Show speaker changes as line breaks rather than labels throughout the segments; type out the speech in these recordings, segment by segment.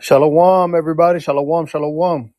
Shalom, everybody. Shalom, shalom.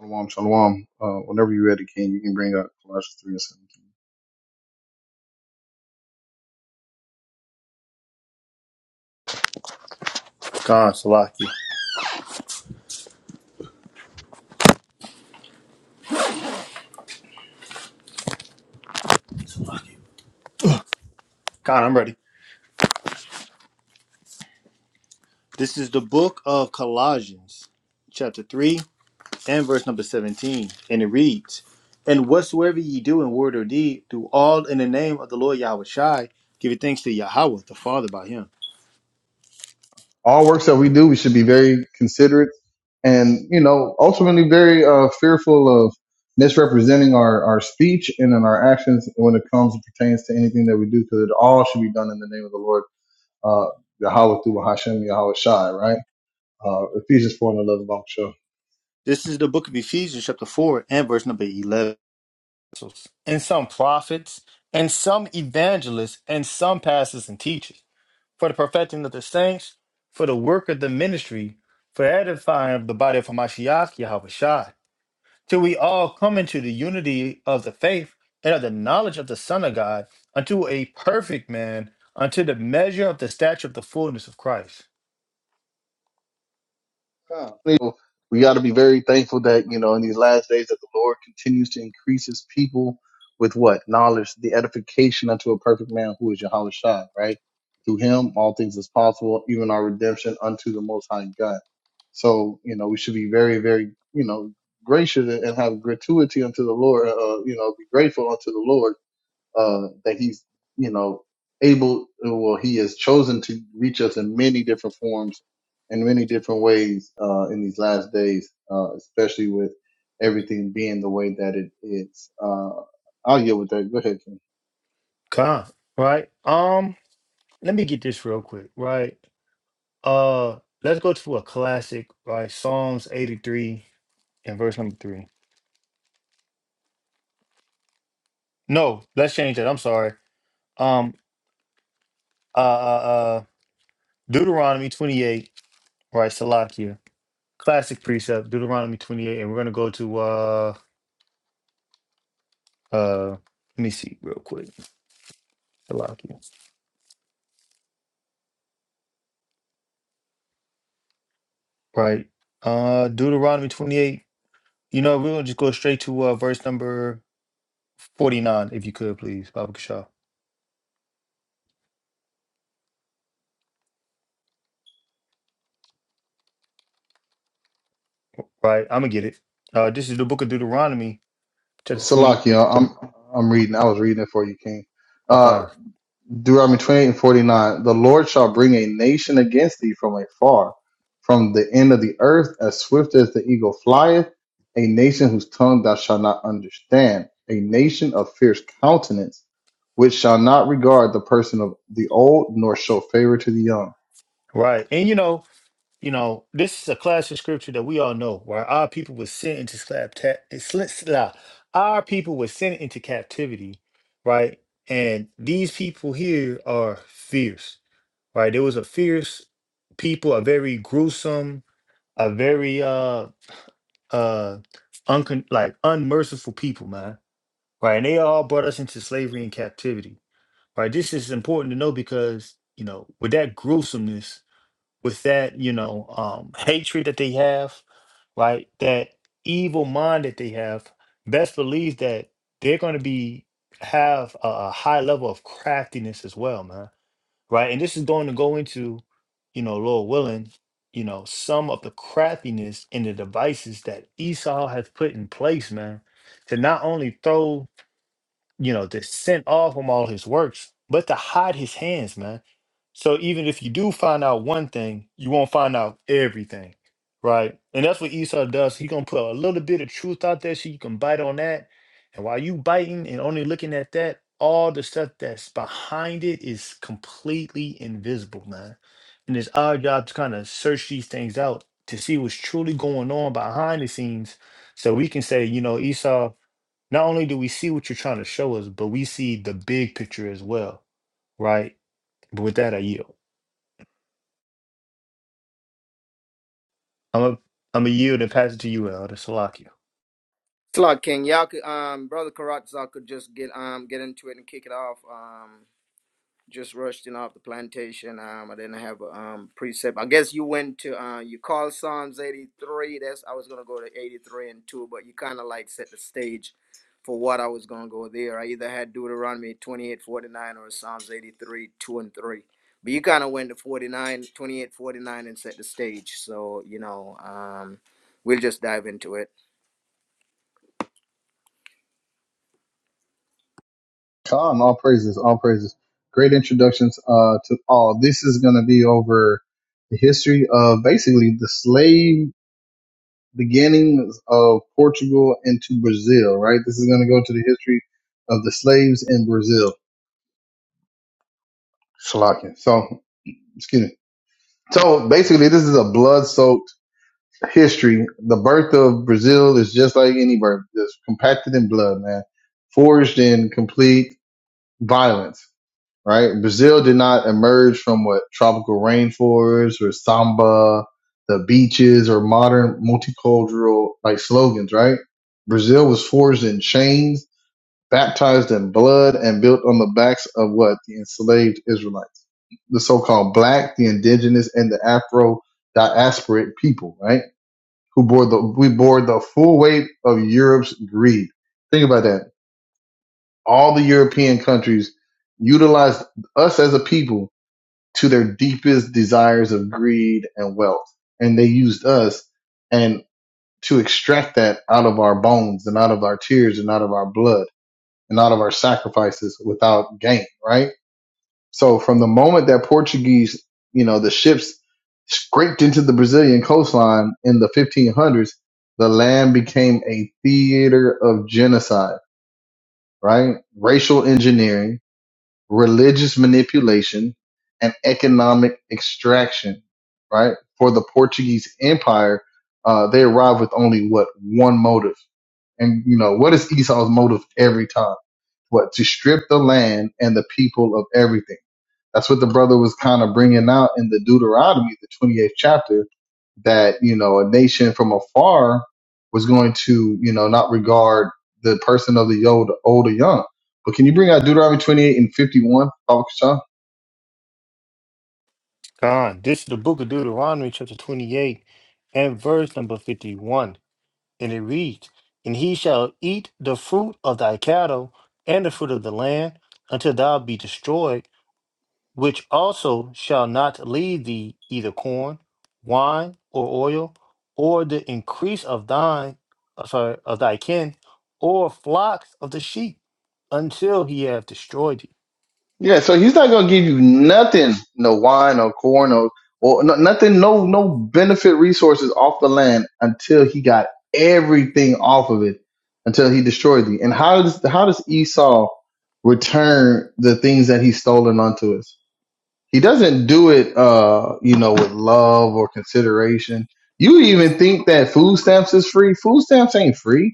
Shalom, shalom. Uh, whenever you're ready, King, you can bring up Colossians 3 and 17.
Khan Salaki. Salaki. Khan, I'm ready. This is the book of Colossians, chapter 3, and verse number 17. And it reads, And whatsoever ye do in word or deed, do all in the name of the Lord Yahweh Shai, giving thanks to Yahweh, the Father, by him.
All works that we do, we should be very considerate and, you know, ultimately very uh, fearful of misrepresenting our, our speech and in our actions when it comes and pertains to anything that we do, because it all should be done in the name of the Lord, uh, Yahweh through Hashem, Yahweh Shai, right? Uh, Ephesians 4 and 11,
This is the book of Ephesians, chapter 4, and verse number 11. And some prophets, and some evangelists, and some pastors and teachers. for the perfecting of the saints, for the work of the ministry, for edifying of the body of Hamashiach, Yahweh Shai, till we all come into the unity of the faith and of the knowledge of the Son of God, unto a perfect man, unto the measure of the stature of the fullness of Christ.
God. You know, we got to be very thankful that, you know, in these last days that the Lord continues to increase his people with what? Knowledge, the edification unto a perfect man who is Yahweh Shai, right? Through him, all things is possible, even our redemption unto the Most High God. So, you know, we should be very, very, you know, gracious and and have gratuity unto the Lord, uh, uh, you know, be grateful unto the Lord uh, that he's, you know, able, well, he has chosen to reach us in many different forms and many different ways, uh, in these last days, uh, especially with everything being the way that it is. Uh, I'll get with that. Go ahead, King.
Come, right? Um, let me get this real quick, right? Uh, let's go to a classic, right? Psalms 83 and verse number three. No, let's change that. I'm sorry. Um, uh, uh, uh, Deuteronomy 28, right? Salakia. Classic precept, Deuteronomy 28. And we're going to go to, uh, uh, let me see real quick. Salakia, right? Uh, Deuteronomy 28. You know, we're going to just go straight to uh, verse number 49, if you could, please, Baba Kashaw. Right? I'm going to get it. Uh, this is the book of Deuteronomy,
Well,
chapter 20.
Salakia, I'm, I'm reading. I was reading it for you, King. Uh,
Okay.
Deuteronomy 28 and 49, the Lord shall bring a nation against thee from afar, from the end of the earth, as swift as the eagle flieth, a nation whose tongue thou shalt not understand, a nation of fierce countenance, which shall not regard the person of the old, nor show favor to the young.
Right. And, you know, You know, this is a class of scripture that we all know where our people were sent into slap ta- sl- sla- our people were sent into captivity, right? And these people here are fierce, right? There was a fierce people, a very gruesome, a very uh uh uncon like unmerciful people, man. Right. And they all brought us into slavery and captivity. Right. This is important to know because, you know, with that gruesomeness with that, you know, um, hatred that they have, right? That evil mind that they have, best believes that they're going to be have a, a high level of craftiness as well, man. Right? And this is going to go into, you know, Lord willing, you know, some of the craftiness in the devices that Esau has put in place, man, to not only throw you know, to send off from all his works, but to hide his hands, man. So even if you do find out one thing, you won't find out everything, right? And that's what Esau does. He gonna put a little bit of truth out there so you can bite on that. And while you biting and only looking at that, all the stuff that's behind it is completely invisible, man. And it's our job to kind of search these things out to see what's truly going on behind the scenes, so we can say, you know, Esau not only do we see what you're trying to show us, but we see the big picture as well, right? But with that, I yield. I'm a, I'm a yield and pass it to you, Elder Salakia.
Slot King, y'all could um brother Karatza could just get um get into it and kick it off. Um just rushed in off the plantation. Um I didn't have a um precept. I guess you went to uh you called Psalms eighty three. That's I was gonna go to eighty three and two, but you kinda like set the stage for what I was gonna go there. I either had Deuteronomy twenty eight forty nine or Psalms eighty three, two and three. But you kinda went to 49, 28, 49 and set the stage. So, you know, um we'll just dive into it.
Come, all praises, all praises. Great introductions uh, to all. This is going to be over the history of basically the slave beginnings of Portugal into Brazil, right? This is going to go to the history of the slaves in Brazil. Slovakia. So, excuse me. So basically, this is a blood-soaked history. The birth of Brazil is just like any birth, just compacted in blood, man. Forged in complete violence right? Brazil did not emerge from what tropical rainforests or samba, the beaches or modern multicultural like slogans, right? Brazil was forged in chains, baptized in blood, and built on the backs of what? The enslaved Israelites, the so-called black, the indigenous, and the Afro diasporic people, right? Who bore the, we bore the full weight of Europe's greed. Think about that. All the European countries utilized us as a people to their deepest desires of greed and wealth. And they used us and to extract that out of our bones and out of our tears and out of our blood and out of our sacrifices without gain, right? So from the moment that Portuguese, you know, the ships scraped into the Brazilian coastline in the 1500s, the land became a theater of genocide, right? Racial engineering, religious manipulation, and economic extraction, right? For the Portuguese Empire, uh, they arrived with only what one motive. And you know, what is Esau's motive every time? What? To strip the land and the people of everything that's what the brother was kind of bringing out in the Deuteronomy, the 28th chapter, that, you know, a nation from afar was going to, you know, not regard the person of the old, old or young. But can you bring out Deuteronomy 28 and 51, Baba Kashan?
God, this is the book of Deuteronomy, chapter 28, and verse number 51. And it reads, And he shall eat the fruit of thy cattle and the fruit of the land until thou be destroyed which also shall not leave thee either corn, wine, or oil, or the increase of thine, uh, sorry, of thy kin, or flocks of the sheep, until he have destroyed thee.
Yeah, so he's not gonna give you nothing, no wine or corn or or no, nothing, no no benefit resources off the land until he got everything off of it, until he destroyed thee. And how does how does Esau return the things that he's stolen unto us? He doesn't do it, uh, you know, with love or consideration. You even think that food stamps is free? Food stamps ain't free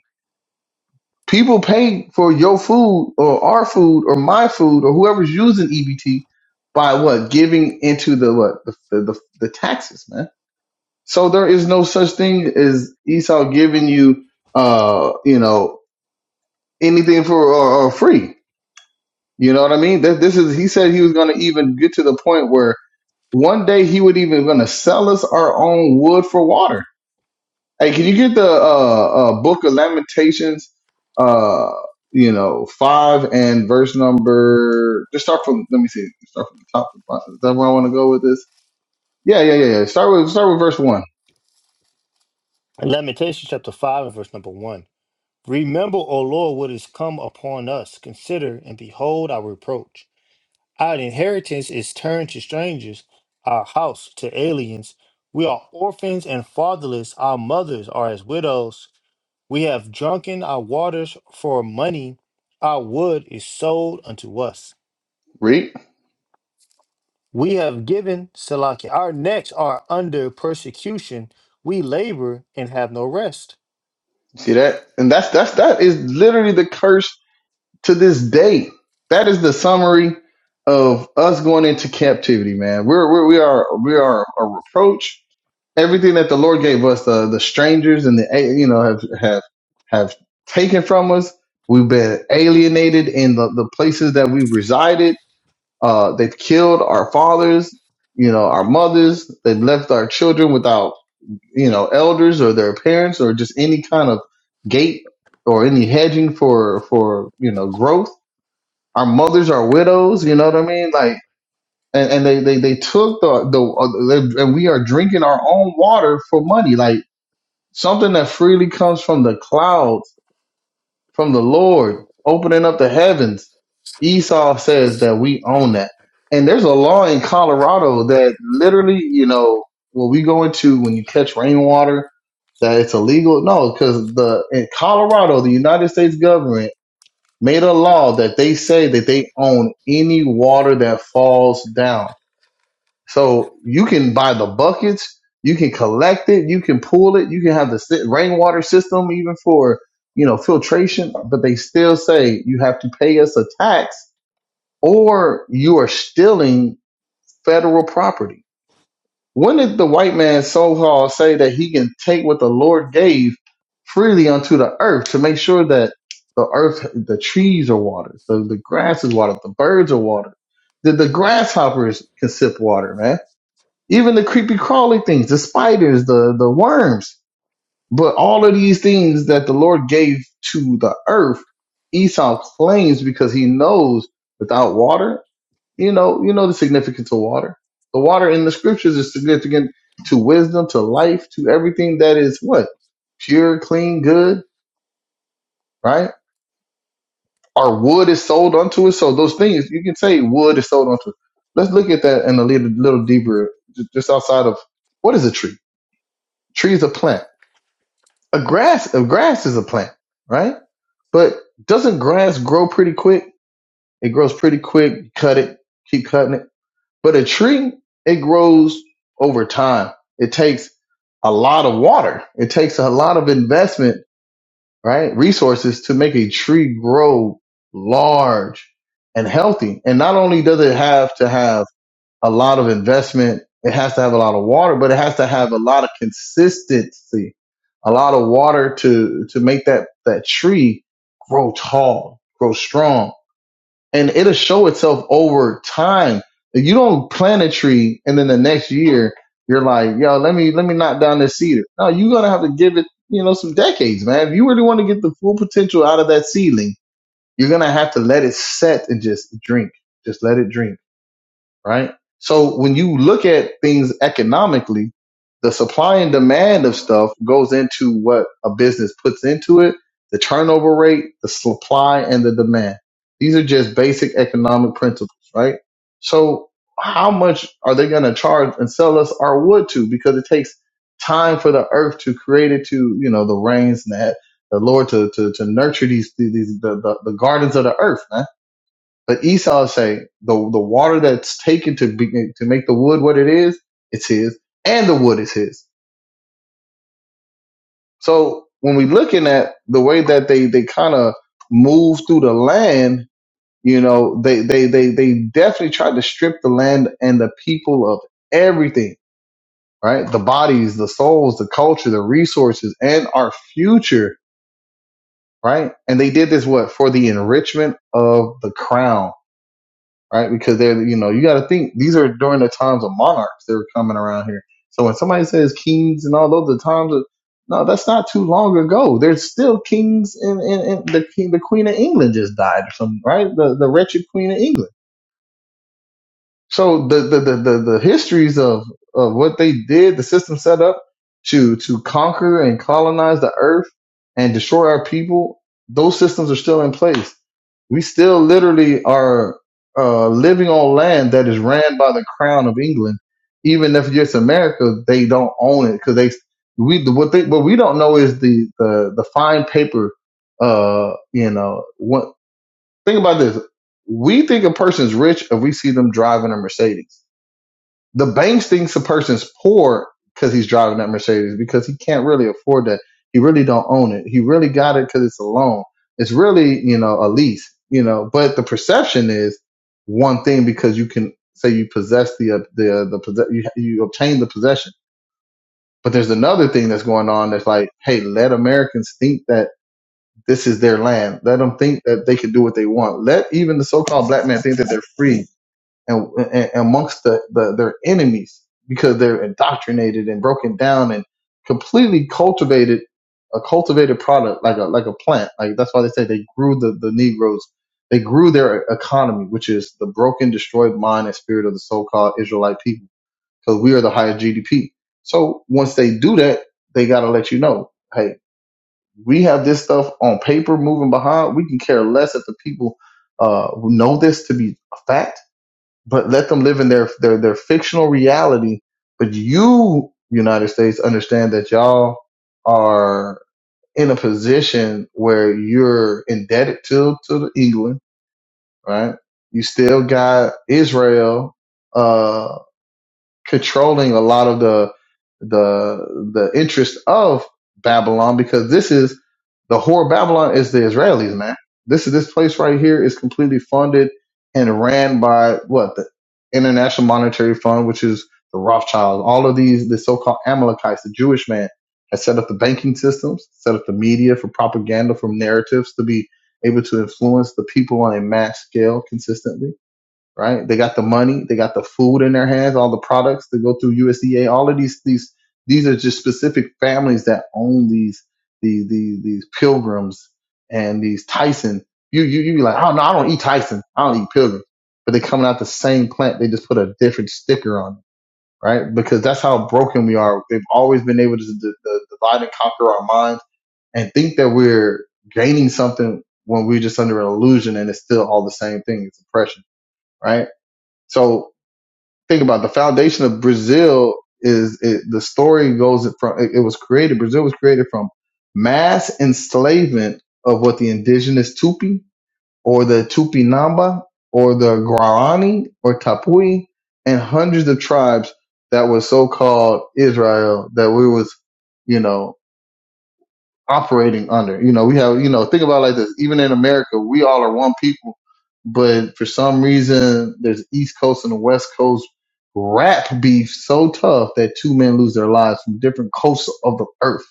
People pay for your food or our food or my food or whoever's using EBT by what giving into the what the the, the, the taxes, man. So there is no such thing as Esau giving you uh you know anything for or, or free. You know what I mean? That this is he said he was going to even get to the point where one day he would even going to sell us our own wood for water. Hey, can you get the uh, uh, Book of Lamentations, uh, you know, five and verse number? Just start from. Let me see. Start from the top. to the bottom. Is that where I want to go with this? Yeah, yeah, yeah, yeah. Start with start with verse one.
Lamentations chapter five and verse number one. Remember, O Lord, what is come upon us. Consider and behold our reproach. Our inheritance is turned to strangers, our house to aliens. We are orphans and fatherless. Our mothers are as widows. We have drunken our waters for money. Our wood is sold unto us.
Read.
We have given Salakia. Our necks are under persecution. We labor and have no rest.
See that? And that's that's that is literally the curse to this day. That is the summary of us going into captivity, man. We're, we're we are we are a reproach everything that the Lord gave us, the the strangers and the a- you know have have have taken from us. We've been alienated in the, the places that we've resided. Uh, they've killed our fathers, you know, our mothers. They've left our children without you know elders or their parents or just any kind of gate or any hedging for for you know growth. Our mothers are widows. You know what I mean? Like. And, and they, they, they took the, the, uh, they- and we are drinking our own water for money. Like, something that freely comes from the clouds, from the Lord, opening up the heavens. Esau says that we own that. And there's a law in Colorado that literally, you know, when we go into when you catch rainwater, that it's illegal. No, because the in Colorado, the United States government made a law that they say that they own any water that falls down. So you can buy the buckets, you can collect it, you can pool it, you can have the si- rainwater system even for you know filtration, but they still say you have to pay us a tax or you are stealing federal property. When did the white man so-called say that he can take what the Lord gave freely unto the earth to make sure that the earth, the trees are watered, the, the grass is watered, the birds are watered, the, the grasshoppers can sip water, man even the creepy crawly things, the spiders, the the worms. But all of these things that the Lord gave to the earth, Esau claims because he knows without water, you know, you know the significance of water. The water in the scriptures is significant to wisdom, to life, to everything that is what? Pure, clean, good, right? Our wood is sold unto us. So those things, you can say wood is sold unto us. Let's look at that in a little, little deeper, ju- just outside of what is a tree? Tree is a plant a grass a grass is a plant, right? But doesn't grass grow pretty quick? It grows pretty quick. cut it, keep cutting it. But a tree, it grows over time. It takes a lot of water. It takes a lot of investment, right? Resources to make a tree grow large and healthy. And not only does it have to have a lot of investment. It has to have a lot of water, but it has to have a lot of consistency, a lot of water to to make that that tree grow tall, grow strong, and it'll show itself over time. If You don't plant a tree and then the next year you're like, yo, let me let me knock down this cedar. No, you're gonna have to give it, you know, some decades, man. If you really want to get the full potential out of that seedling, you're gonna have to let it set and just drink. Just let it drink right? So when you look at things economically, the supply and demand of stuff goes into what a business puts into it, the turnover rate, the supply and the demand. These are just basic economic principles, right? So how much are they going to charge and sell us our wood to? Because it takes time for the earth to create it to, you know, the rains and that the Lord to, to, to nurture these, these, the, the, the gardens of the earth, man but Esau say the the water that's taken to be, to make the wood what it is, it's his, and the wood is his. So when we looking at the way that they they kind of move through the land, you know, they they they they definitely tried to strip the land and the people of everything, right? The bodies, the souls, the culture, the resources, and our future, right? And they did this what for the enrichment of the crown right? Because they're, you know, you got to think these are during the times of monarchs that were coming around here. So when somebody says kings and all those, the times of, no, that's not too long ago. There's still kings and, and, and the king, the queen of England just died or something, right? The, the wretched queen of England. So the the, the, the the histories of, of what they did, the system set up to to conquer and colonize the earth and destroy our people, those systems are still in place. We still literally are uh, living on land that is ran by the crown of England. Even if it's America, they don't own it because they we what they what we don't know is the the the fine paper. Uh, you know, what. Think about this. We think a person's rich if we see them driving a Mercedes. The banks thinks a person's poor because he's driving that Mercedes because he can't really afford that. He really don't own it. He really got it because it's a loan. It's really, you know, a lease, you know, but the perception is one thing because you can say you possess the, uh, the, uh, the, possess- you, you obtain the possession. But there's another thing that's going on that's like, hey, let Americans think that this is their land. Let them think that they can do what they want. Let even the so-called black man think that they're free and, and amongst the, the their enemies because they're indoctrinated and broken down and completely cultivated a cultivated product like a like a plant. Like that's why they say they grew the the Negroes. They grew their economy, which is the broken, destroyed mind and spirit of the so-called Israelite people, because we are the higher GDP. So once they do that, they got to let you know, hey, we have this stuff on paper moving behind. We can care less if the people uh, who know this to be a fact, but let them live in their, their, their fictional reality. But you, United States, understand that y'all are in a position where you're indebted to, to the England, right? You still got Israel. uh, controlling a lot of the the the interest of Babylon because this is the whore Babylon is the Israelis, man. This is this place right here is completely funded and ran by what the International Monetary Fund, which is the Rothschilds. All of these, the so-called Amalekites, the Jewish man, has set up the banking systems, set up the media for propaganda, from narratives to be able to influence the people on a mass scale consistently right? They got the money, they got the food in their hands, all the products that go through USDA. All of these these these are just specific families that own these these these, these pilgrims and these Tyson. You you you be like, oh no, I don't eat Tyson. I don't eat pilgrim. But they coming out the same plant. They just put a different sticker on it, right? Because that's how broken we are. they have always been able to d- d- divide and conquer our minds and think that we're gaining something when we're just under an illusion and it's still all the same thing. It's oppression, right? So think about it, the foundation of Brazil is it, the story goes from it, it was created. Brazil was created from mass enslavement of what the indigenous Tupi or the Tupi Namba or the Guarani or Tapui and hundreds of tribes that was so called Israel that we was you know operating under. You know, we have, you know, think about it like this. Even in America, we all are one people, but for some reason, there's East Coast and the West Coast rap beef so tough that two men lose their lives from different coasts of the earth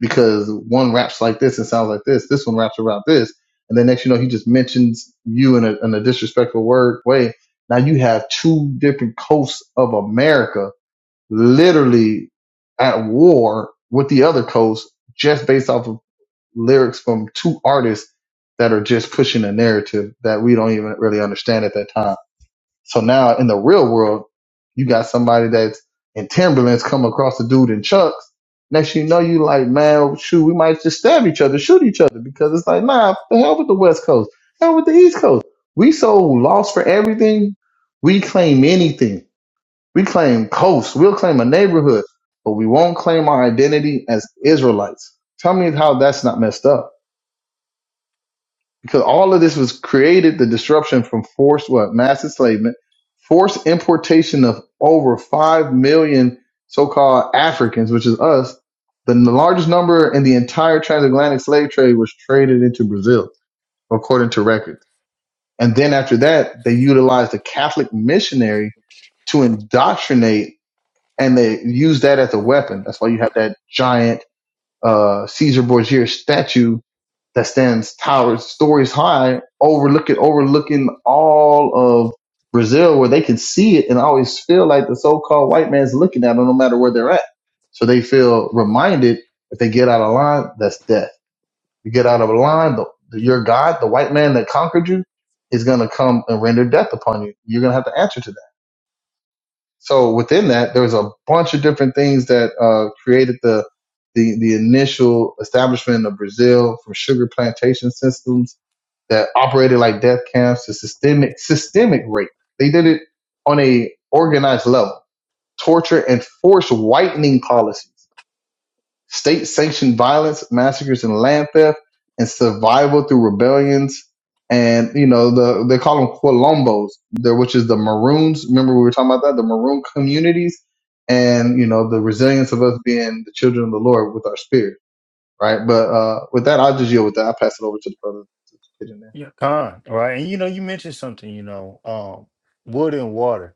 because one raps like this and sounds like this, this one raps about this. And then next, you know, he just mentions you in a, in a disrespectful word way. Now you have two different coasts of America literally at war with the other coast just based off of lyrics from two artists that are just pushing a narrative that we don't even really understand at that time. So now in the real world, you got somebody that's in Timberlands come across a dude in Chucks. Next thing you know, you like, man, shoot, we might just stab each other, shoot each other because it's like, nah, the hell with the West Coast, hell with the East Coast. We so lost for everything. We claim anything. We claim coast. We'll claim a neighborhood, but we won't claim our identity as Israelites. Tell me how that's not messed up because all of this was created the disruption from forced what mass enslavement, forced importation of over five million so-called Africans, which is us. The largest number in the entire transatlantic slave trade was traded into Brazil, according to records. And then after that, they utilized a Catholic missionary to indoctrinate, and they used that as a weapon. That's why you have that giant uh, Caesar Borgia statue that stands towers stories high, overlooking overlooking all of Brazil, where they can see it and always feel like the so-called white man's looking at them, no matter where they're at. So they feel reminded if they get out of line, that's death. You get out of line, the, your God, the white man that conquered you, is going to come and render death upon you. You're going to have to answer to that. So within that, there's a bunch of different things that uh, created the, the the initial establishment of Brazil from sugar plantation systems that operated like death camps to systemic systemic rape. They did it on a organized level, torture and forced whitening policies state sanctioned violence, massacres and land theft, and survival through rebellions. And you know, the they call them Quilombos, there which is the Maroons. Remember we were talking about that, the Maroon communities, and you know, the resilience of us being the children of the Lord with our spirit, right? But uh with that, I'll just yield with that. I'll pass it over to the brother to get in there.
Yeah, con, right? And you know, you mentioned something, you know, um, wood and water,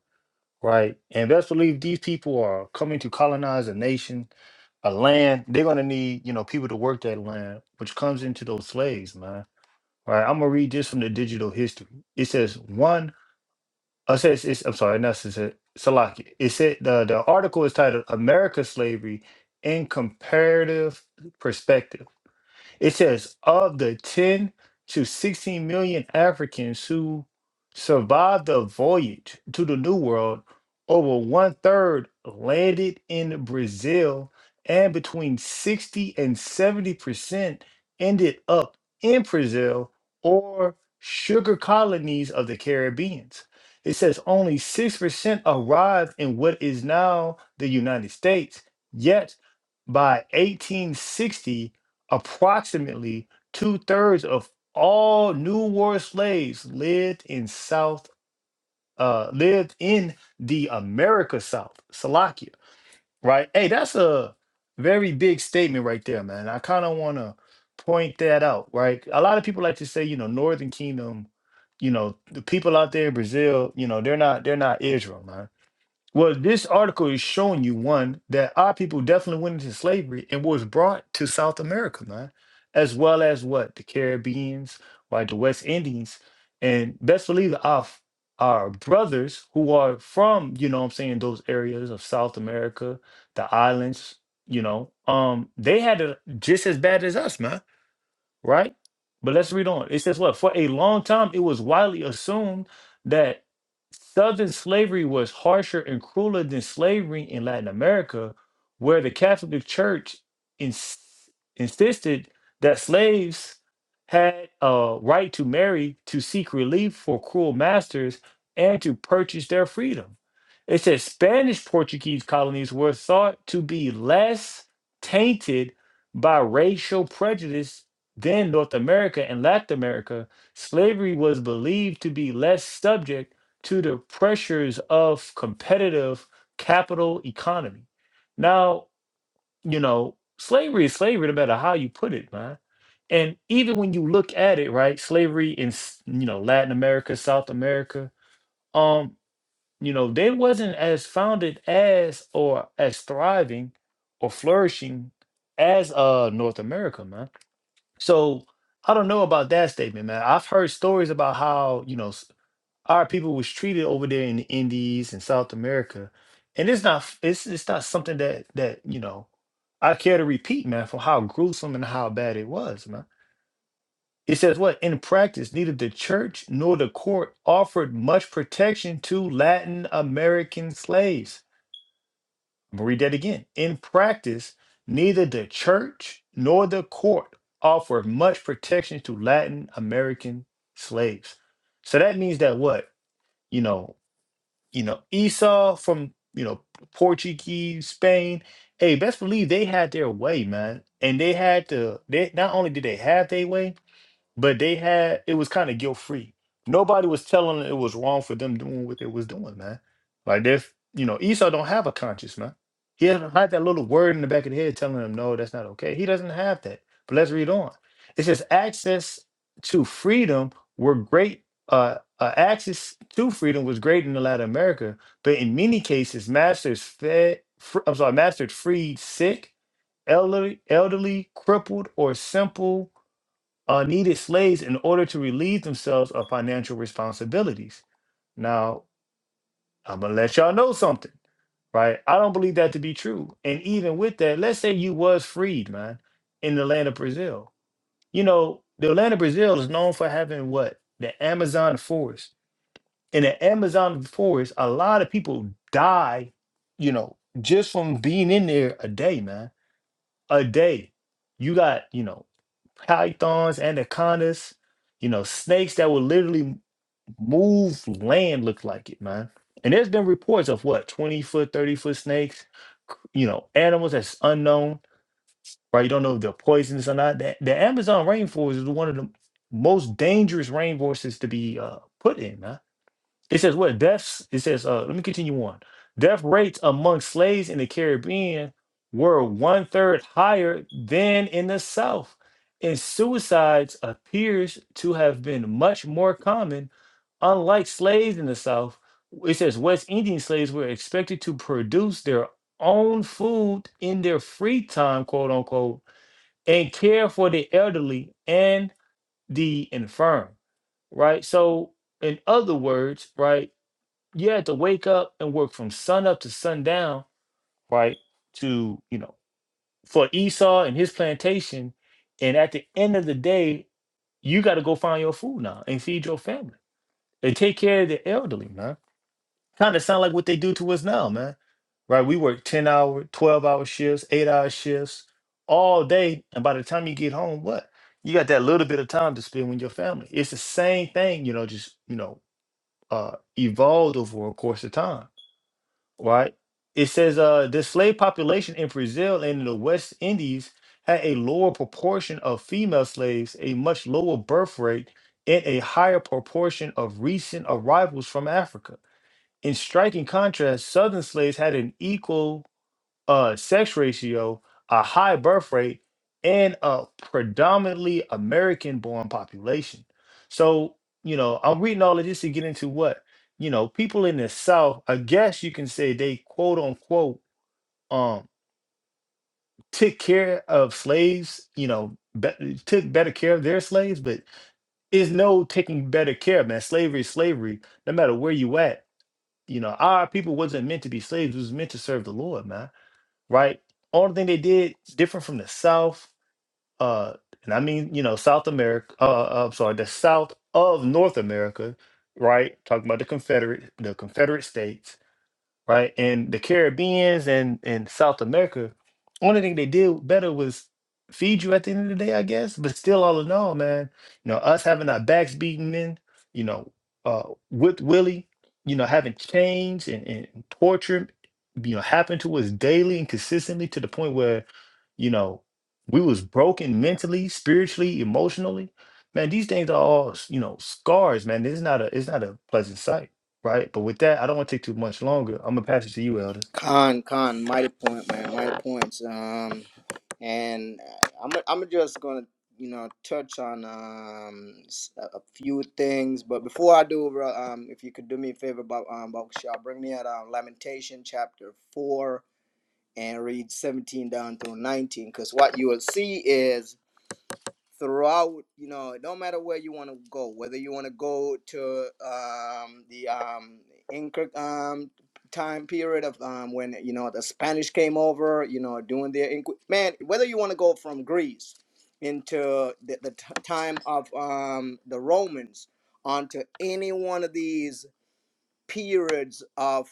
right? And best believe these people are coming to colonize a nation, a land. They're gonna need, you know, people to work that land, which comes into those slaves, man. Right? I'm gonna read this from the digital history. It says one. I said, it's, it's, I'm sorry, not Salaki. Salaki. It said the, the article is titled America Slavery in Comparative Perspective. It says of the 10 to 16 million Africans who survived the voyage to the New World, over one third landed in Brazil, and between 60 and 70 percent ended up in Brazil or sugar colonies of the Caribbeans. It says only 6% arrived in what is now the United States, yet by 1860, Approximately two thirds of all New World slaves lived in South, uh, lived in the America South, Salakia. Right? Hey, that's a very big statement right there, man. I kind of want to point that out, right? A lot of people like to say, you know, Northern Kingdom, you know, the people out there in Brazil, you know, they're not, they're not Israel, man well, this article is showing you one that our people definitely went into slavery and was brought to South America, man, as well as what the Caribbeans, like the West Indians, and best believe our f- our brothers who are from, you know, what I'm saying those areas of South America, the islands, you know, um, they had it just as bad as us, man right? But let's read on. It says, What? For a long time, it was widely assumed that Southern slavery was harsher and crueler than slavery in Latin America, where the Catholic Church ins- insisted that slaves had a right to marry to seek relief for cruel masters and to purchase their freedom. It says Spanish Portuguese colonies were thought to be less tainted by racial prejudice then North America and Latin America, slavery was believed to be less subject to the pressures of competitive capital economy. Now, you know, slavery is slavery no matter how you put it, man. And even when you look at it, right, slavery in s- you know Latin America, South America, um, you know, they wasn't as founded as or as thriving or flourishing as uh North America, man so I don't know about that statement, man. I've heard stories about how you know s- our people was treated over there in the Indies and South America, and it's not f- it's it's not something that that you know I care to repeat, man, from how gruesome and how bad it was, man. It says what in practice, neither the church nor the court offered much protection to Latin American slaves I'm gonna read that again. In practice, neither the church nor the court offer much protection to Latin American slaves. So that means that what you know, you know, Esau from you know Portuguese Spain. Hey, best believe they had their way, man, and they had to. They not only did they have their way, but they had it was kind of guilt free. Nobody was telling them it was wrong for them doing what they was doing, man. Like they, you know, Esau don't have a conscience, man. He doesn't have that little word in the back of the head telling him, no, that's not okay. He doesn't have that. But let's read on. It says access to freedom were great. Uh, uh, access to freedom was great in the Latin America, but in many cases, masters fed. Fr- I'm sorry, masters freed sick, elderly, elderly, crippled, or simple uh, needed slaves in order to relieve themselves of financial responsibilities. Now, I'm gonna let y'all know something, right? I don't believe that to be true. And even with that, let's say you was freed, man, in the land of Brazil. You know, the land of Brazil is known for having what? The Amazon forest. In the Amazon forest, a lot of people die, you know, just from being in there a day, man a day. You got, you know, pythons, anacondas, you know, snakes that will literally move land, look like it, man. And there's been reports of what, 20 foot, 30 foot snakes, c- you know, animals that's unknown, right? You don't know if they're poisonous or not. The, the Amazon rainforest is one of the most dangerous rainforests to be uh, put in, man it says what deaths. It says uh, let me continue on. Death rates among slaves in the Caribbean were one third higher than in the South, and suicides appears to have been much more common. Unlike slaves in the South, it says West Indian slaves were expected to produce their own food in their free time, quote unquote, and care for the elderly and the infirm. Right. So, in other words, right you had to wake up and work from sun up to sundown, right? To you know, for Esau and his plantation, and at the end of the day, you got to go find your food now and feed your family and take care of the elderly, man. Kind of sound like what they do to us now, man. Right? We work ten hour, twelve hour shifts, eight hour shifts all day, and by the time you get home, what? You got that little bit of time to spend with your family. It's the same thing, you know, just you know, uh, evolved over a course of time right? It says uh, the slave population in Brazil and in the West Indies had a lower proportion of female slaves, a much lower birth rate, and a higher proportion of recent arrivals from Africa. In striking contrast, Southern slaves had an equal a sex ratio, a high birth rate, and a predominantly American born population. So, you know, I'm reading all of this to get into what, you know, people in the South, I guess you can say they quote unquote um took care of slaves, you know, be- took better care of their slaves, but is no taking better care, man. Slavery is slavery, no matter where you at. You know, our people wasn't meant to be slaves, it was meant to serve the Lord, man right? Only thing they did different from the South, uh, and I mean, you know, South America, uh, uh, I'm sorry, the South of North America, right? Talking about the Confederate, the Confederate States right? And the Caribbeans and and South America, only thing they did better was feed you at the end of the day, I guess. But still, all in all, man, you know, us having our backs beaten in, you know, uh, with Willie, you know, having chains and, and torture, you know, happen to us daily and consistently to the point where, you know, we was broken mentally, spiritually, emotionally. Man, these things are all, you know, scars, man. It's not a it's not a pleasant sight. Right? But with that, I don't want to take too much longer. I'm gonna pass it to you, Elder.
Con, con, mighty point, man, mighty points. Um, and uh, I'm I'm just gonna you know touch on um s- a a few things, but before I do, bro, um, if you could do me a favor, about um, Bakushal, bring me out um, Lamentation chapter four and read 17 down through 19, because what you will see is throughout you know it don't matter where you want to go whether you want to go to um the um inca um time period of um when you know the spanish came over you know doing their inqu- man whether you want to go from greece into the, the t- time of um the romans onto any one of these periods of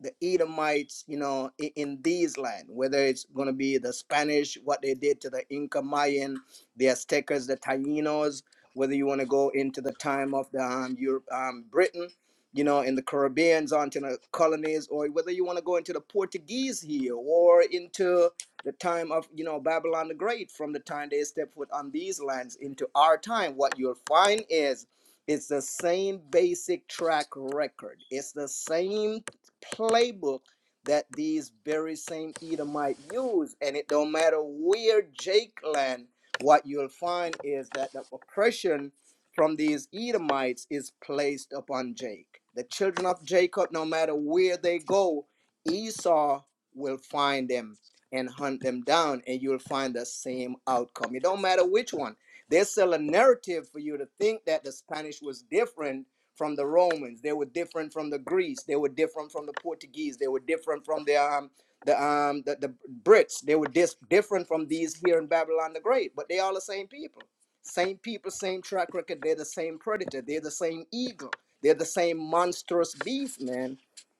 the Edomites, you know, in, in these land, whether it's going to be the Spanish, what they did to the Inca Mayan, the Aztecas, the Tainos, whether you want to go into the time of the um, Europe, um, Britain, you know, in the Caribbeans, onto the colonies, or whether you want to go into the Portuguese here or into the time of, you know, Babylon the Great, from the time they stepped foot on these lands into our time, what you'll find is it's the same basic track record. It's the same playbook that these very same Edomite use. And it don't matter where Jake land, what you'll find is that the oppression from these Edomites is placed upon Jake. The children of Jacob, no matter where they go, Esau will find them and hunt them down, and you'll find the same outcome. It don't matter which one. They sell a narrative for you to think that the Spanish was different from the Romans. They were different from the Greeks. They were different from the Portuguese. They were different from the um the um the, the Brits. They were dis- different from these here in Babylon the Great. But they all the same people, same people, same track record. They're the same predator. They're the same eagle. They're the same monstrous beast, man.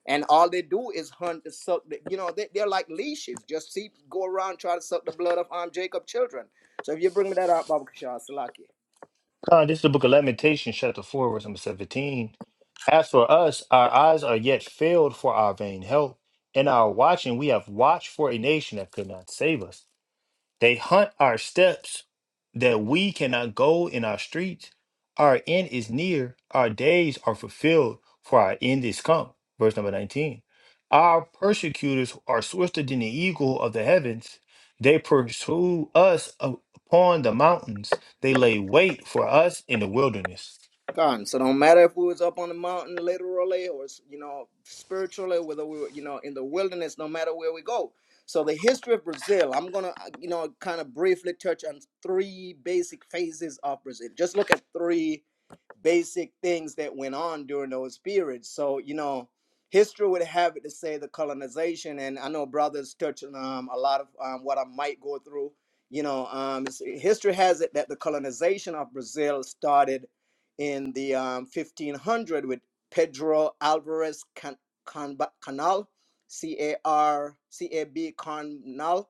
And all they do is hunt the suck. The, you know, they, they're like leashes. Just see, go around, try to suck the blood of um Jacob children. So if you bring me that out, Baba Kishar Salaki.
Con, this is the book of Lamentations, chapter four, verse number seventeen. As for us, our eyes are yet filled for our vain help. In our watching, we have watched for a nation that could not save us. They hunt our steps that we cannot go in our streets. Our end is near, our days are fulfilled, for our end is come. Verse number 19. Our persecutors are swifter than the eagle of the heavens. They pursue us up- upon the mountains, they lay wait for us in the wilderness.
Gone. So don't matter if we was up on the mountain literally or you know spiritually, whether we were you know in the wilderness, no matter where we go. So the history of Brazil, I'm gonna uh, you know kind of briefly touch on three basic phases of Brazil. Just look at three basic things that went on during those periods. So, you know, history would have it to say the colonization, and I know brothers touching um, a lot of um, what I might go through. You know, um, history has it that the colonization of Brazil started in the um, 1500 with Pedro Alvarez Can- Canba- Canal, C A R C A B Canal,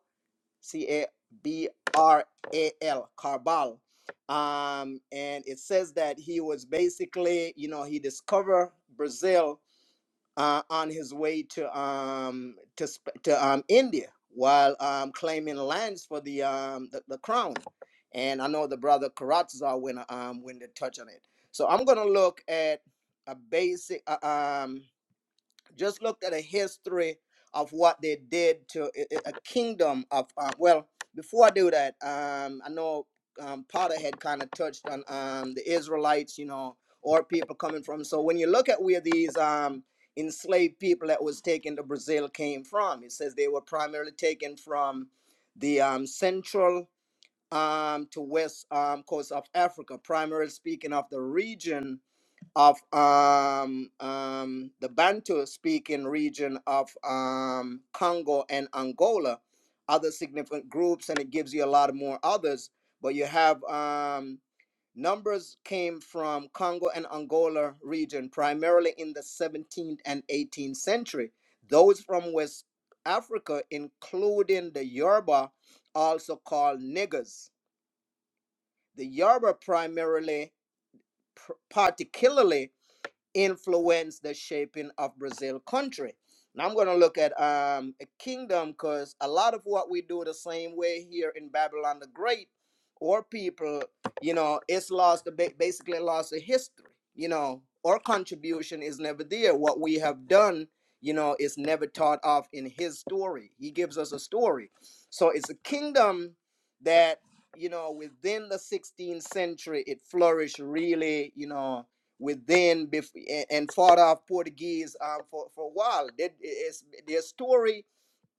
C A B R A L, Carbal. Um, and it says that he was basically, you know, he discovered Brazil uh, on his way to um, to, Sp- to um, India while um, claiming lands for the, um, the the crown. And I know the brother Karatza when um, when they touch on it. So I'm gonna look at a basic. Uh, um, just look at the history of what they did to a, a- kingdom of. Uh, well, before I do that, um, I know um, Potter had kind of touched on um, the Israelites, you know, or people coming from. So when you look at where these um, enslaved people that was taken to Brazil came from, it says they were primarily taken from the um, central um, to west um, coast of Africa, primarily speaking of the region of um, um, the Bantu speaking region of um, Congo and Angola, other significant groups, and it gives you a lot more others. But you have um, numbers came from Congo and Angola region, primarily in the 17th and 18th century. Those from West Africa, including the Yoruba, also called niggers. The Yoruba primarily, pr- particularly influence the shaping of Brazil country. Now I'm going to look at um, a kingdom because a lot of what we do the same way here in Babylon the Great or people, you know, it's lost, basically lost the history, you know, our contribution is never there. What we have done, you know, is never thought of in his story. He gives us a story. So it's a kingdom that, you know, within the 16th century, it flourished really, you know, with then and fought off Portuguese uh, for, for a while. That is, their story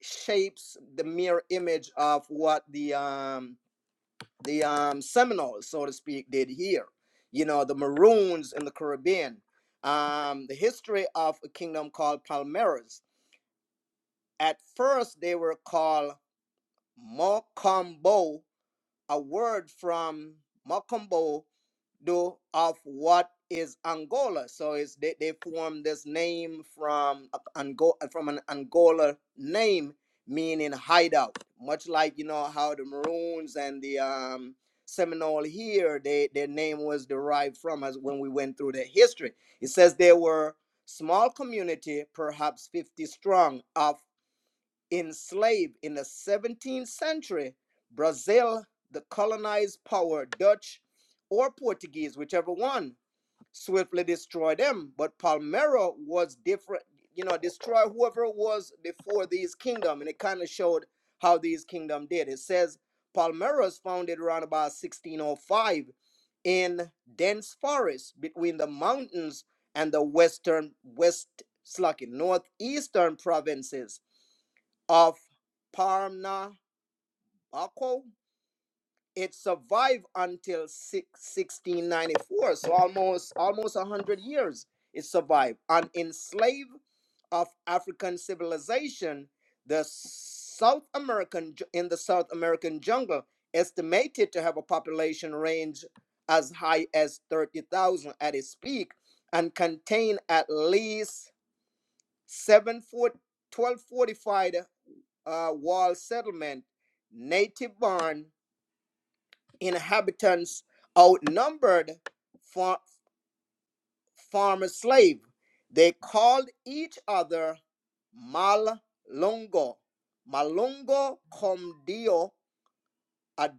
shapes the mirror image of what the um, the um, Seminoles, so to speak, did here. You know, the Maroons in the Caribbean. Um, the history of a kingdom called Palmares. At first, they were called Mocambo a word from Makumbo do of what is Angola. So it's they, they form this name from Angola from an Angola name meaning hideout. Much like you know how the Maroons and the um Seminole here, they their name was derived from us when we went through their history. It says they were small community, perhaps 50 strong, of enslaved in the 17th century, Brazil, the colonized power, Dutch or Portuguese, whichever one, swiftly destroyed them. But Palmero was different, you know, destroy whoever was before these kingdom, and it kind of showed how these kingdom did. It says Palmero was founded around about 1605 in dense forest between the mountains and the western west slacking northeastern provinces of Parnabaco. It survived until six- 1694, so almost almost 100 years it survived. An enslaved of African civilization, the South American in the South American jungle estimated to have a population range as high as 30,000 at its peak and contain at least 7 foot twelve fortified uh, wall settlement, native born inhabitants outnumbered far- farmer slave. They called each other Malongo. Malongo Comdio. a,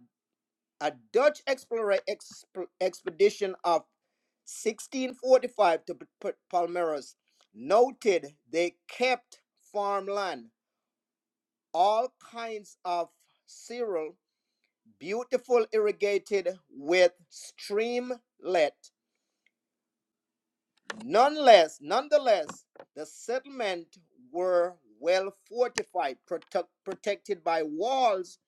a Dutch explorer exp- expedition of 1645 to P- Palmeiras, noted they kept farmland, all kinds of cereal beautiful irrigated with streamlet. Nonetheless, nonetheless, the settlement were well fortified, protect, protected by walls,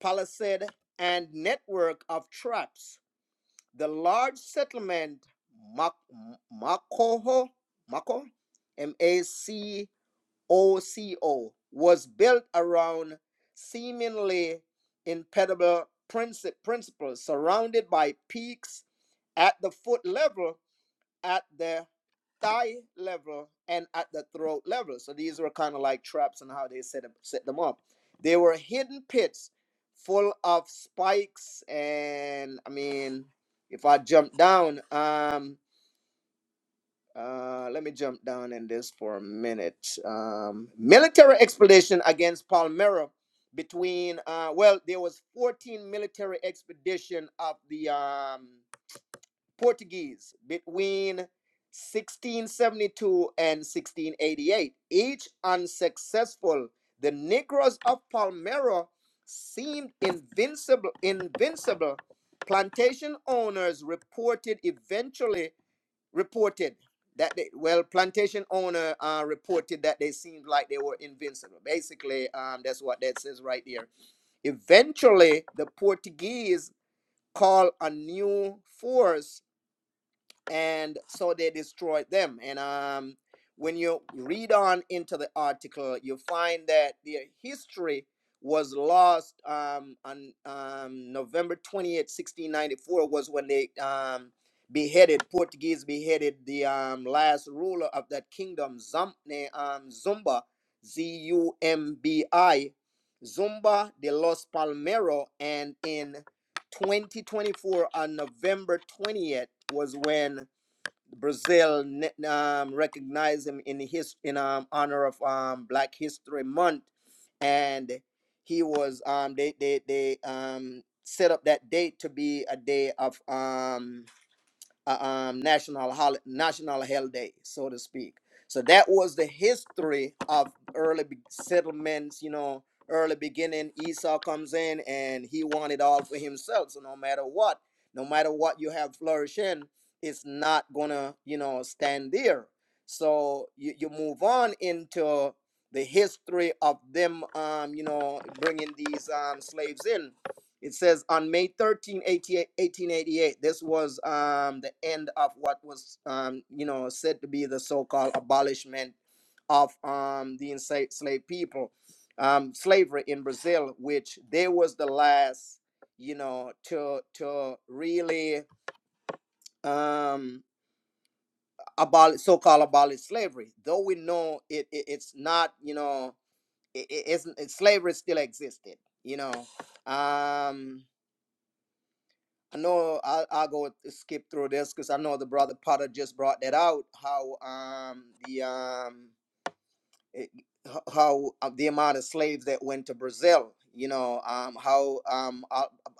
palisade, and network of traps. The large settlement, Macoho, Maco, M A C. OCO, was built around seemingly impenetrable principles, surrounded by peaks at the foot level, at the thigh level, and at the throat level. So these were kind of like traps and how they set, up, set them up. They were hidden pits full of spikes and, I mean, if I jump down, um. Uh, let me jump down in this for a minute. Um, military expedition against Palmyra between uh, well, there was 14 military expedition of the um, Portuguese between 1672 and 1688, each unsuccessful. The Negroes of Palmyra seemed invincible. Invincible. Plantation owners reported eventually reported that they, well, plantation owner uh, reported that they seemed like they were invincible. Basically, um, that's what that says right there. Eventually, the Portuguese called a new force and so they destroyed them. And um, when you read on into the article, you find that their history was lost um, on um, November twenty eighth, 1694, was when they um, beheaded, Portuguese beheaded the um, last ruler of that kingdom, Zam- ne- um, Zumba, Z U M B I, Zumba de los Palmero. And in 2024, on November 20th, was when Brazil um, recognized him in his in um, honor of um, Black History Month, and he was um, they they they um, set up that date to be a day of um, uh, um, national hol- national holiday, so to speak. So that was the history of early settlements. You know, early beginning. Esau comes in and he wanted it all for himself. So no matter what, no matter what you have flourishing, it's not gonna you know stand there. So you, you move on into the history of them, um, you know, bringing these um, slaves in it says on May 13, 1888, this was um, the end of what was, um, you know, said to be the so-called abolishment of um, the enslaved people, um, slavery in Brazil, which they was the last, you know, to to really um, abolish so-called abolish slavery. Though we know it, it it's not, you know, it, it, it's, it's slavery still existed, you know. Um, I know I'll, I'll go skip through this because I know the brother Potter just brought that out how um the um it- how uh, the amount of slaves that went to Brazil, you know, um, how um, a, a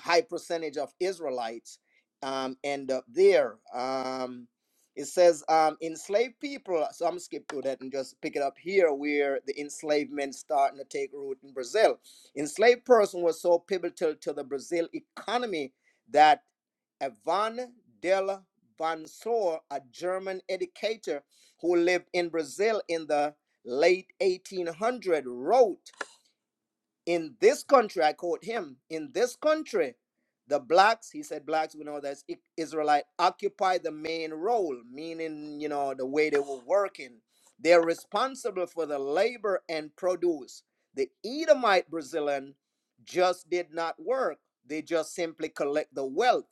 high percentage of Israelites um, end up there. Um, it says um, enslaved people, uh, so I'm gonna skip through that and just pick it up here where the enslavement starting to take root in Brazil. Enslaved person was so pivotal to the Brazil economy that Ivan della Vansor, a German educator who lived in Brazil in the late 1800 wrote in this country i quote him in this country the blacks he said blacks we know that's israelite occupy the main role meaning you know the way they were working they're responsible for the labor and produce the edomite brazilian just did not work they just simply collect the wealth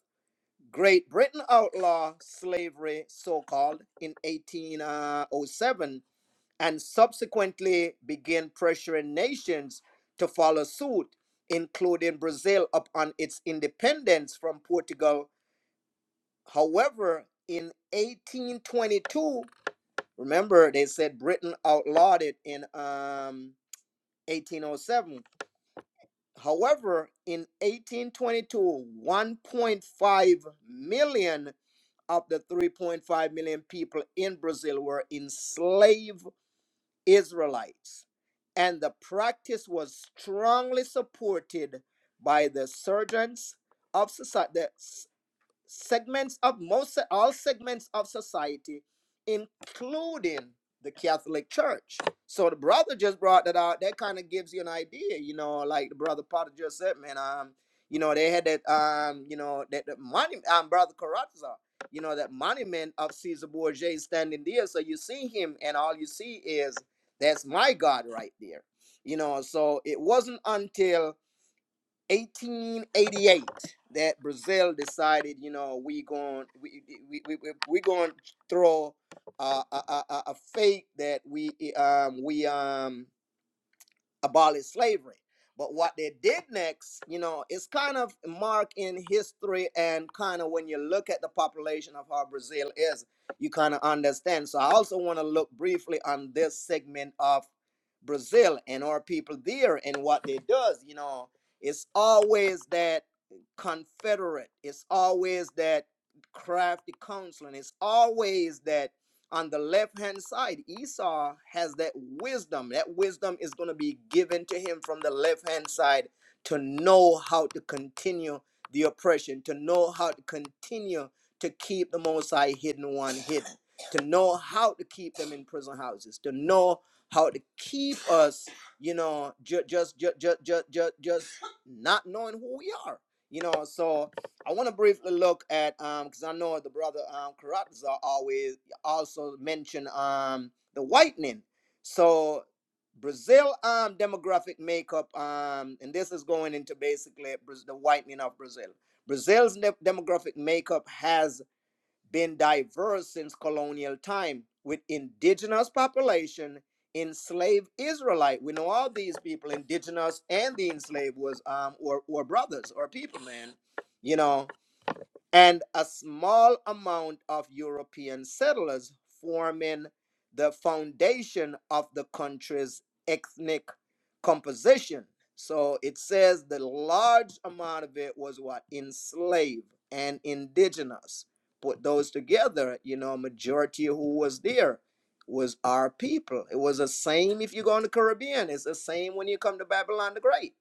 great britain outlawed slavery so-called in 1807 and subsequently began pressuring nations to follow suit, including Brazil upon its independence from Portugal. However, in 1822, remember they said Britain outlawed it in um, 1807. However, in 1822, 1.5 million of the 3.5 million people in Brazil were enslaved Israelites, and the practice was strongly supported by the surgeons of society segments of most all segments of society, including the Catholic Church. So the brother just brought that out. That kind of gives you an idea, you know, like the brother Potter just said, man. Um, you know, they had that um, you know, that the money um brother Carazza, you know, that monument of Caesar Bourget standing there. So you see him and all you see is that's my God right there. You know, so it wasn't until 1888 that Brazil decided, you know, we going we we we we, we going to throw uh, a a a fake that we um we um abolish slavery. But what they did next, you know, is kind of marked in history and kind of when you look at the population of how Brazil is, you kind of understand. So I also want to look briefly on this segment of Brazil and our people there and what they does, you know, it's always that Confederate, it's always that crafty counseling, it's always that on the left hand side, Esau has that wisdom. That wisdom is going to be given to him from the left hand side to know how to continue the oppression, to know how to continue to keep the Most High hidden one hidden, to know how to keep them in prison houses, to know how to keep us, you know, just just just just just just not knowing who we are. You know, so I want to briefly look at um because I know the brother um Karatza always also mentioned um the whitening. So Brazil um demographic makeup um and this is going into basically the whitening of Brazil. Brazil's ne- demographic makeup has been diverse since colonial time with indigenous population, enslaved Israelite. We know all these people, indigenous and the enslaved was um or or brothers or people, man. You know, and a small amount of European settlers forming the foundation of the country's ethnic composition. So it says the large amount of it was what? Enslaved and indigenous. Put those together, you know, majority who was there was our people. It was the same if you go in the Caribbean. It's the same when you come to Babylon the Great,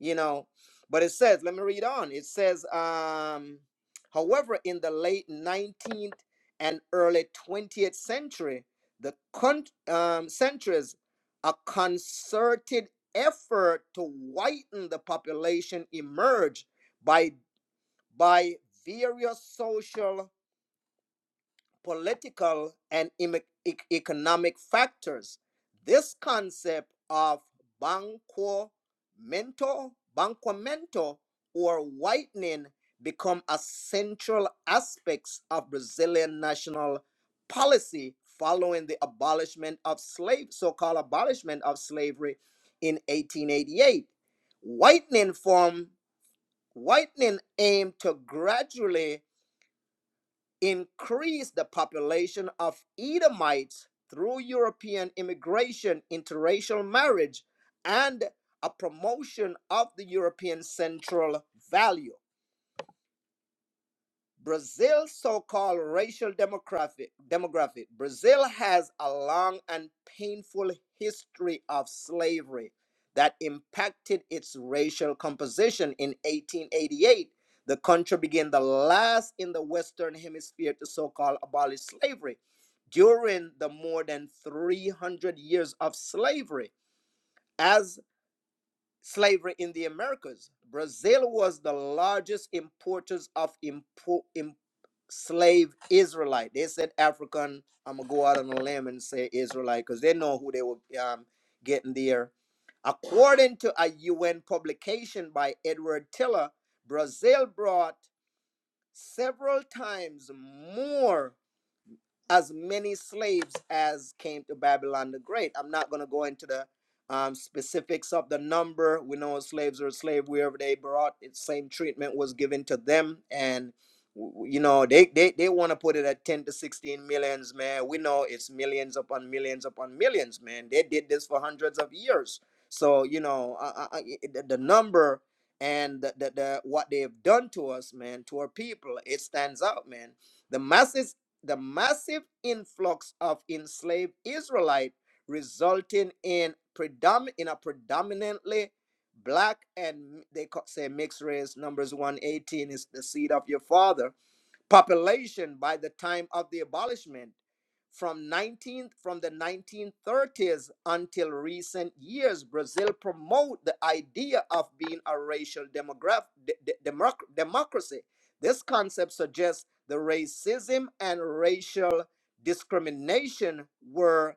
you know. But it says, let me read on. It says, um, However, in the late 19th and early 20th century, the con- um, centuries, a concerted effort to whiten the population emerged by, by various social political, and economic factors. This concept of banquamento, banquamento, or whitening become a central aspects of Brazilian national policy following the abolishment of slave, so-called abolishment of slavery in 1888. Whitening form, whitening aimed to gradually increased the population of Edomites through European immigration, interracial marriage, and a promotion of the European central value. Brazil's so-called racial demographic, demographic. Brazil has a long and painful history of slavery that impacted its racial composition. In 1888, the country became the last in the Western Hemisphere to so-called abolish slavery. During the more than 300 years of slavery, as slavery in the Americas. Brazil was the largest importers of impo- im- slave Israelite. They said African. I'm gonna go out on a limb and say Israelite because they know who they were um, getting there. According to a UN publication by Edward Tiller, Brazil brought several times more as many slaves as came to Babylon the Great. I'm not going to go into the um, specifics of the number. We know slaves were slave wherever they brought. It same treatment was given to them, and you know they they, they want to put it at 10 to 16 millions, man. We know it's millions upon millions upon millions, man. They did this for hundreds of years. So you know I, I- the the number and the, the, the what they've done to us, man, to our people, it stands out, man the masses the massive influx of enslaved Israelite resulting in predom- in a predominantly black and they ca- say mixed race numbers 118 is the seed of your father population by the time of the abolishment from 19 from the 1930s until recent years brazil promoted the idea of being a racial demograph de- de- democ- democracy this concept suggests the racism and racial discrimination were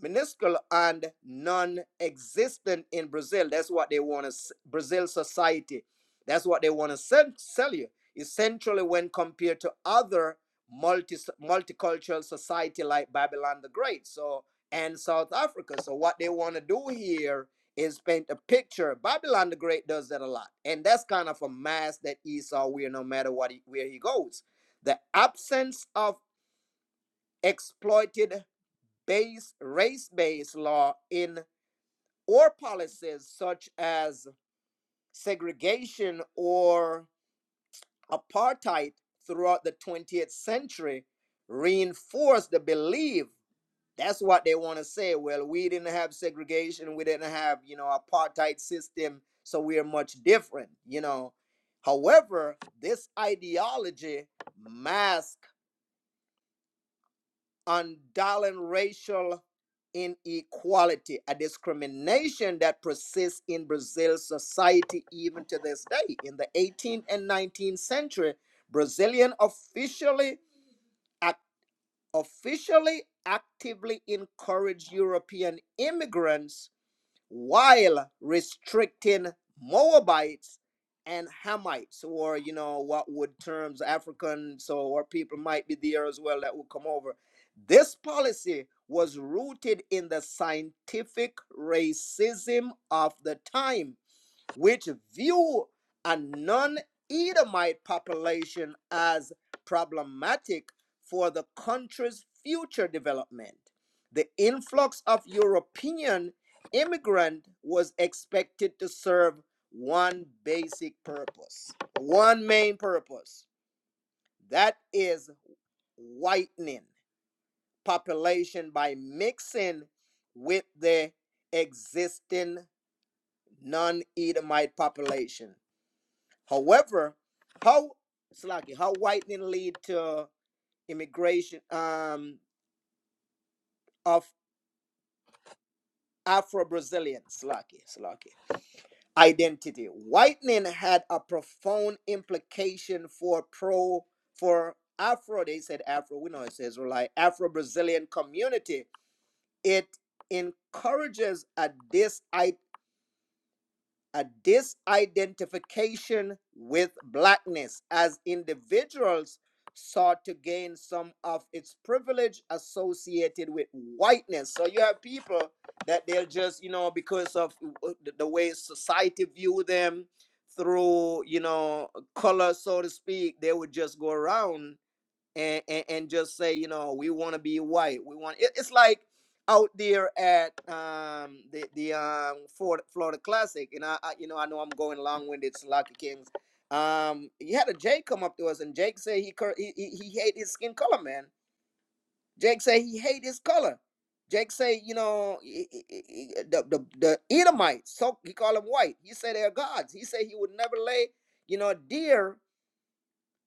minuscule and non-existent in Brazil. That's what they want to Brazil society. That's what they want to sell, you. Essentially, when compared to other multi multicultural society like Babylon the Great, so and South Africa. So what they want to do here is paint a picture. Babylon the Great does that a lot, and that's kind of a mask that Esau wear no matter what he, where he goes. The absence of exploited based race-based law in or policies such as segregation or apartheid throughout the 20th century reinforced the belief that's what they want to say well we didn't have segregation we didn't have you know apartheid system so we are much different you know however this ideology masks on darling racial inequality, a discrimination that persists in Brazil's society even to this day. In the 18th and 19th century, Brazilian officially ac- officially actively encouraged European immigrants while restricting Moabites and Hamites, or you know what would terms African so or people might be there as well that would come over. This policy was rooted in the scientific racism of the time which view a non Edomite population as problematic for the country's future development. The influx of European immigrant was expected to serve one basic purpose, one main purpose, that is whitening population by mixing with the existing non-Edomite population However, how Slaki, how whitening lead to immigration um of Afro-Brazilian Slaki, Slaki identity. Whitening had a profound implication for pro for Afro. They said Afro. We know it says like Afro-Brazilian community. It encourages a dis. a disidentification with blackness as individuals sought to gain some of its privilege associated with whiteness. So you have people that they'll just, you know, because of uh, uh, the the way society view them through, you know, color, so to speak, they would just go around and and, and just say you know we want to be white we want it, it's like out there at um the the um Florida, Florida Classic and I, I you know I know I'm going long winded Slocky Kings um he had a Jake come up to us and Jake said he he he, he hate his skin color man Jake said he hate his color Jake say you know he- he- he- the the the Edomites so he called them white he said they're gods he said he would never lay you know deer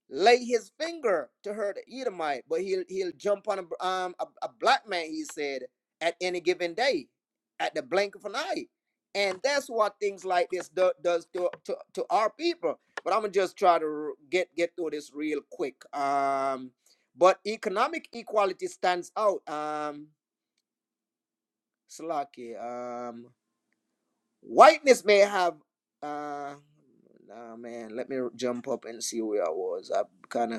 lay his finger to hurt the Edomite, but he'll he'll jump on a um a, a black man. He said at any given day, at the blink of an eye, and that's what things like this do, does to, to to our people. But I'm gonna just try to get get through this real quick. Um, but economic equality stands out. Um, Slaki. Um, whiteness may have uh. Nah, man, let me jump up and see where I was. I kind of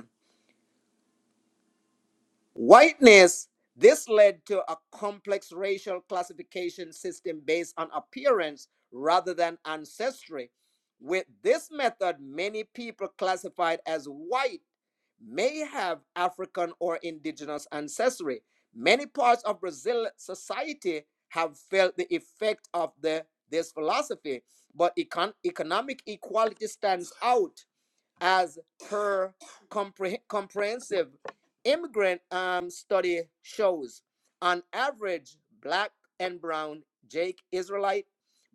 Whiteness, this led to a complex racial classification system based on appearance rather than ancestry. With this method, many people classified as white may have African or indigenous ancestry. Many parts of Brazil society have felt the effect of the, this philosophy, but econ- economic equality stands out as her compre- comprehensive immigrant um, study shows. On average, black and brown Jake Israelite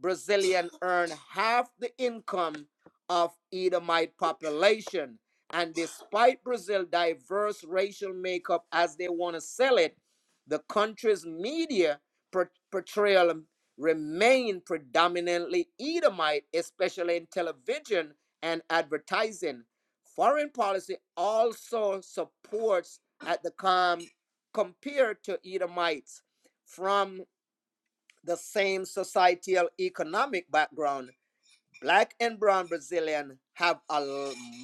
Brazilian earn half the income of Edomite population. And despite Brazil's diverse racial makeup as they want to sell it, the country's media portrayal remain predominantly Edomite, especially in television and advertising. Foreign policy also supports at the com compared to Edomites from the same societal economic background black and brown Brazilian have a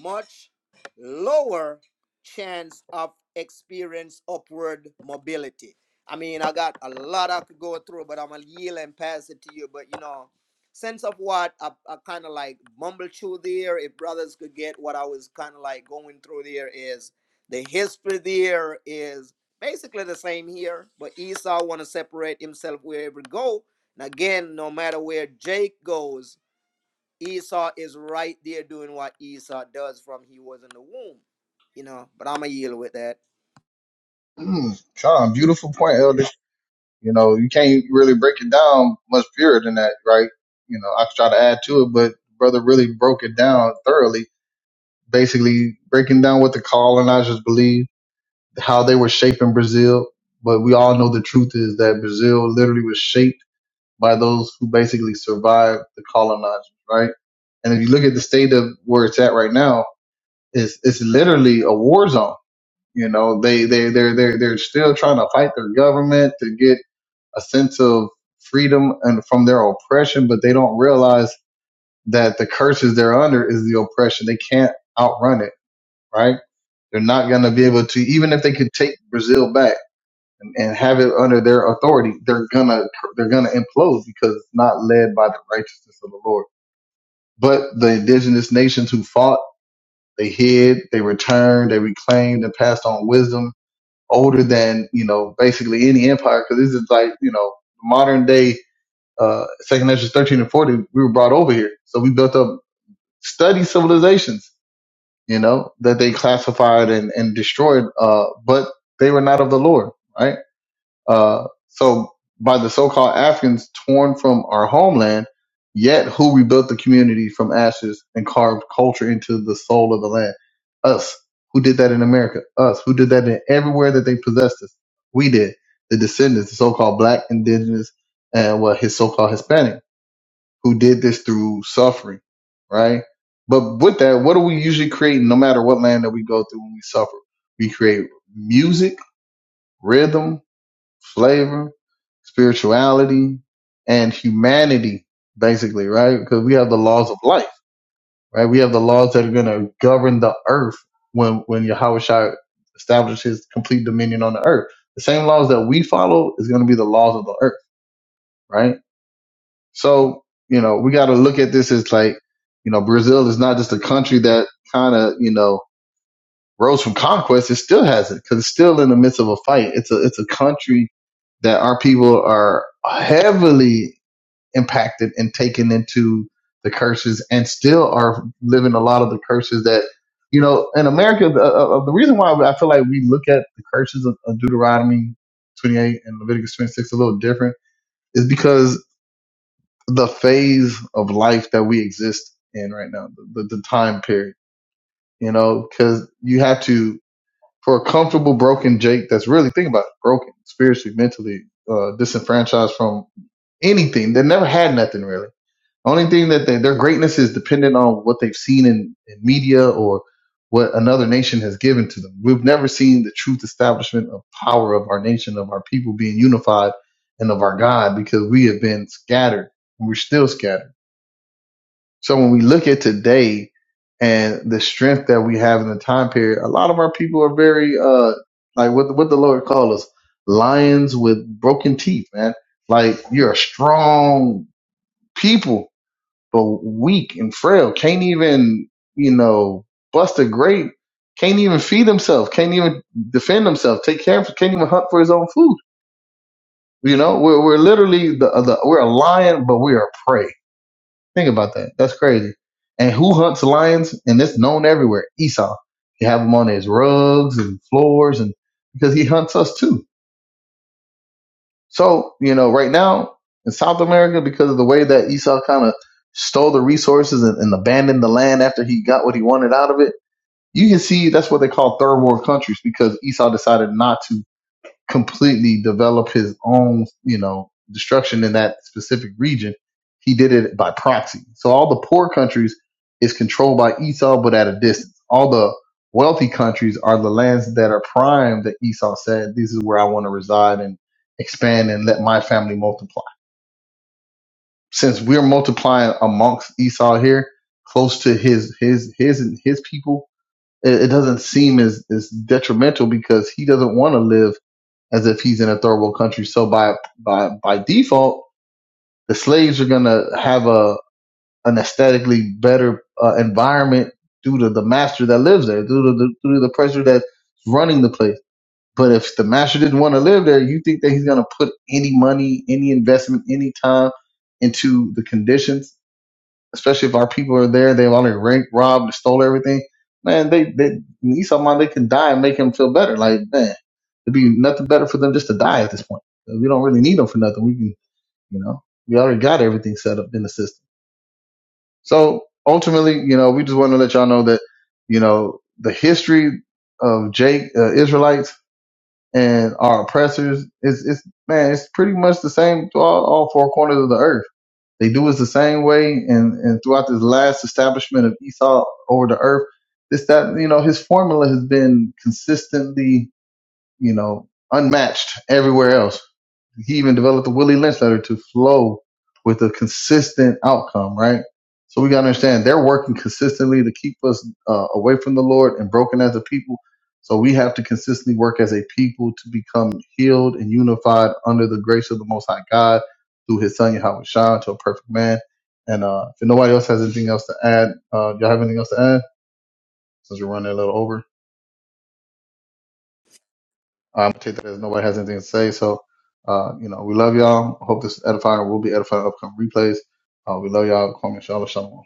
much lower chance of experience upward mobility. I mean, I got a lot I could go through, but I'm gonna yield and pass it to you. But you know, sense of what I, I kind of like mumble through there. If brothers could get what I was kind of like going through there is the history there is basically the same here, but Esau want to separate himself wherever he go. And again, no matter where Jake goes, Esau is right there doing what Esau does from he was in the womb, you know. But I'm gonna yield with that.
Mm, Sean, beautiful point, Elder. You know, you can't really break it down much purer than that, right? You know, I could try to add to it, but brother really broke it down thoroughly basically breaking down what the colonizers believed, how they were shaping Brazil. But we all know the truth is that Brazil literally was shaped by those who basically survived the colonizers, right? And if you look at the state of where it's at right now, it's it's literally a war zone. You know, they they they're they're they're still trying to fight their government to get a sense of freedom and from their oppression, but they don't realize that the curses they're under is the oppression. They can't outrun it, right? They're not going to be able to, even if they could take Brazil back and, and have it under their authority, they're gonna they're gonna implode because it's not led by the righteousness of the Lord. But the indigenous nations who fought, they hid, they returned, they reclaimed, and passed on wisdom older than you know basically any empire because this is like you know modern day uh, Second Nations 13 and 40, we were brought over here. So we built up study civilizations. you know, that they classified and, and destroyed, uh, but they were not of the Lord, right? Uh, so by the so-called Africans torn from our homeland, yet who rebuilt the community from ashes and carved culture into the soul of the land? Us. Who did that in America? Us. Who did that in everywhere that they possessed us? We did. The descendants, the so-called black, indigenous, and what his so-called Hispanic who did this through suffering, right? But with that, what do we usually create no matter what land that we go through when we suffer? We create music, rhythm, flavor, spirituality, and humanity, basically, right? Because we have the laws of life, right? We have the laws that are going to govern the earth when, when Yahweh Shai establishes complete dominion on the earth. The same laws that we follow is going to be the laws of the earth, right? So, you know, we got to look at this as like, you know, Brazil is not just a country that kind of, you know, rose from conquest. It still hasn't because it's still in the midst of a fight. It's a, it's a country that our people are heavily impacted and taken into the curses and still are living a lot of the curses that, you know, in America, the, uh, uh, the reason why I feel like we look at the curses of, of Deuteronomy 28 and Leviticus 26 a little different is because the phase of life that we exist in right now, the, the time period, you know, because you have to, for a comfortable broken Jake that's really, think about it, broken spiritually, mentally, uh, disenfranchised from anything. They never had nothing really. The only thing that they, their greatness is dependent on what they've seen in, in media or what another nation has given to them. We've never seen the truth establishment of power of our nation, of our people being unified, and of our God because we have been scattered. and We're still scattered so when we look at today and the strength that we have in the time period, a lot of our people are very uh like what what the Lord called us lions with broken teeth, man. Like you're a strong people, but weak and frail. Can't even you know bust a grape. Can't even feed himself. Can't even defend himself. Take care of. Can't even hunt for his own food. You know, we're we're literally the, the we're a lion, but we are prey Think about that. That's crazy. And who hunts lions? And it's known everywhere. Esau. He have him on his rugs and floors, and because he hunts us too. So you know, right now in South America, because of the way that Esau kind of stole the resources and, and abandoned the land after he got what he wanted out of it, you can see that's what they call third world countries because Esau decided not to completely develop his own, you know, destruction in that specific region. He did it by proxy. So all the poor countries is controlled by Esau, but at a distance. All the wealthy countries are the lands that are prime that Esau said, this is where I want to reside and expand and let my family multiply. Since we're multiplying amongst Esau here, close to his, his, his, his people, it, it doesn't seem as, as detrimental because he doesn't want to live as if he's in a third world country. So by by by default, the slaves are gonna have a an aesthetically better uh, environment due to the master that lives there, due to the due to the pressure that's running the place. But if the master didn't want to live there, you think that he's gonna put any money, any investment, any time into the conditions especially if our people are there, they've already ranked, robbed, and stole everything. Man, they, they Esau mind they can die and make him feel better. Like, man, it'd be nothing better for them just to die at this point. We don't really need them for nothing. We can, you know, we already got everything set up in the system. So ultimately, you know, we just want to let y'all know that, you know, the history of Jake uh, Israelites and our oppressors is, is man, it's pretty much the same to all, all four corners of the earth they do us the same way, and and throughout this last establishment of Esau over the earth, this that you know his formula has been consistently you know, unmatched everywhere else. He even developed the Willie Lynch letter to flow with a consistent outcome, right? So we got to understand they're working consistently to keep us uh, away from the Lord and broken as a people. So we have to consistently work as a people to become healed and unified under the grace of the Most High God through His Son Yahweh Shah to a perfect man. And uh, if nobody else has anything else to add, uh, y'all have anything else to add? Since we're running a little over. Um, I take that as nobody has anything to say. So, uh, you know, we love y'all. Hope this is edifying. We'll be edifying upcoming replays. Uh, we love y'all. Kwame Shalom. Shalom.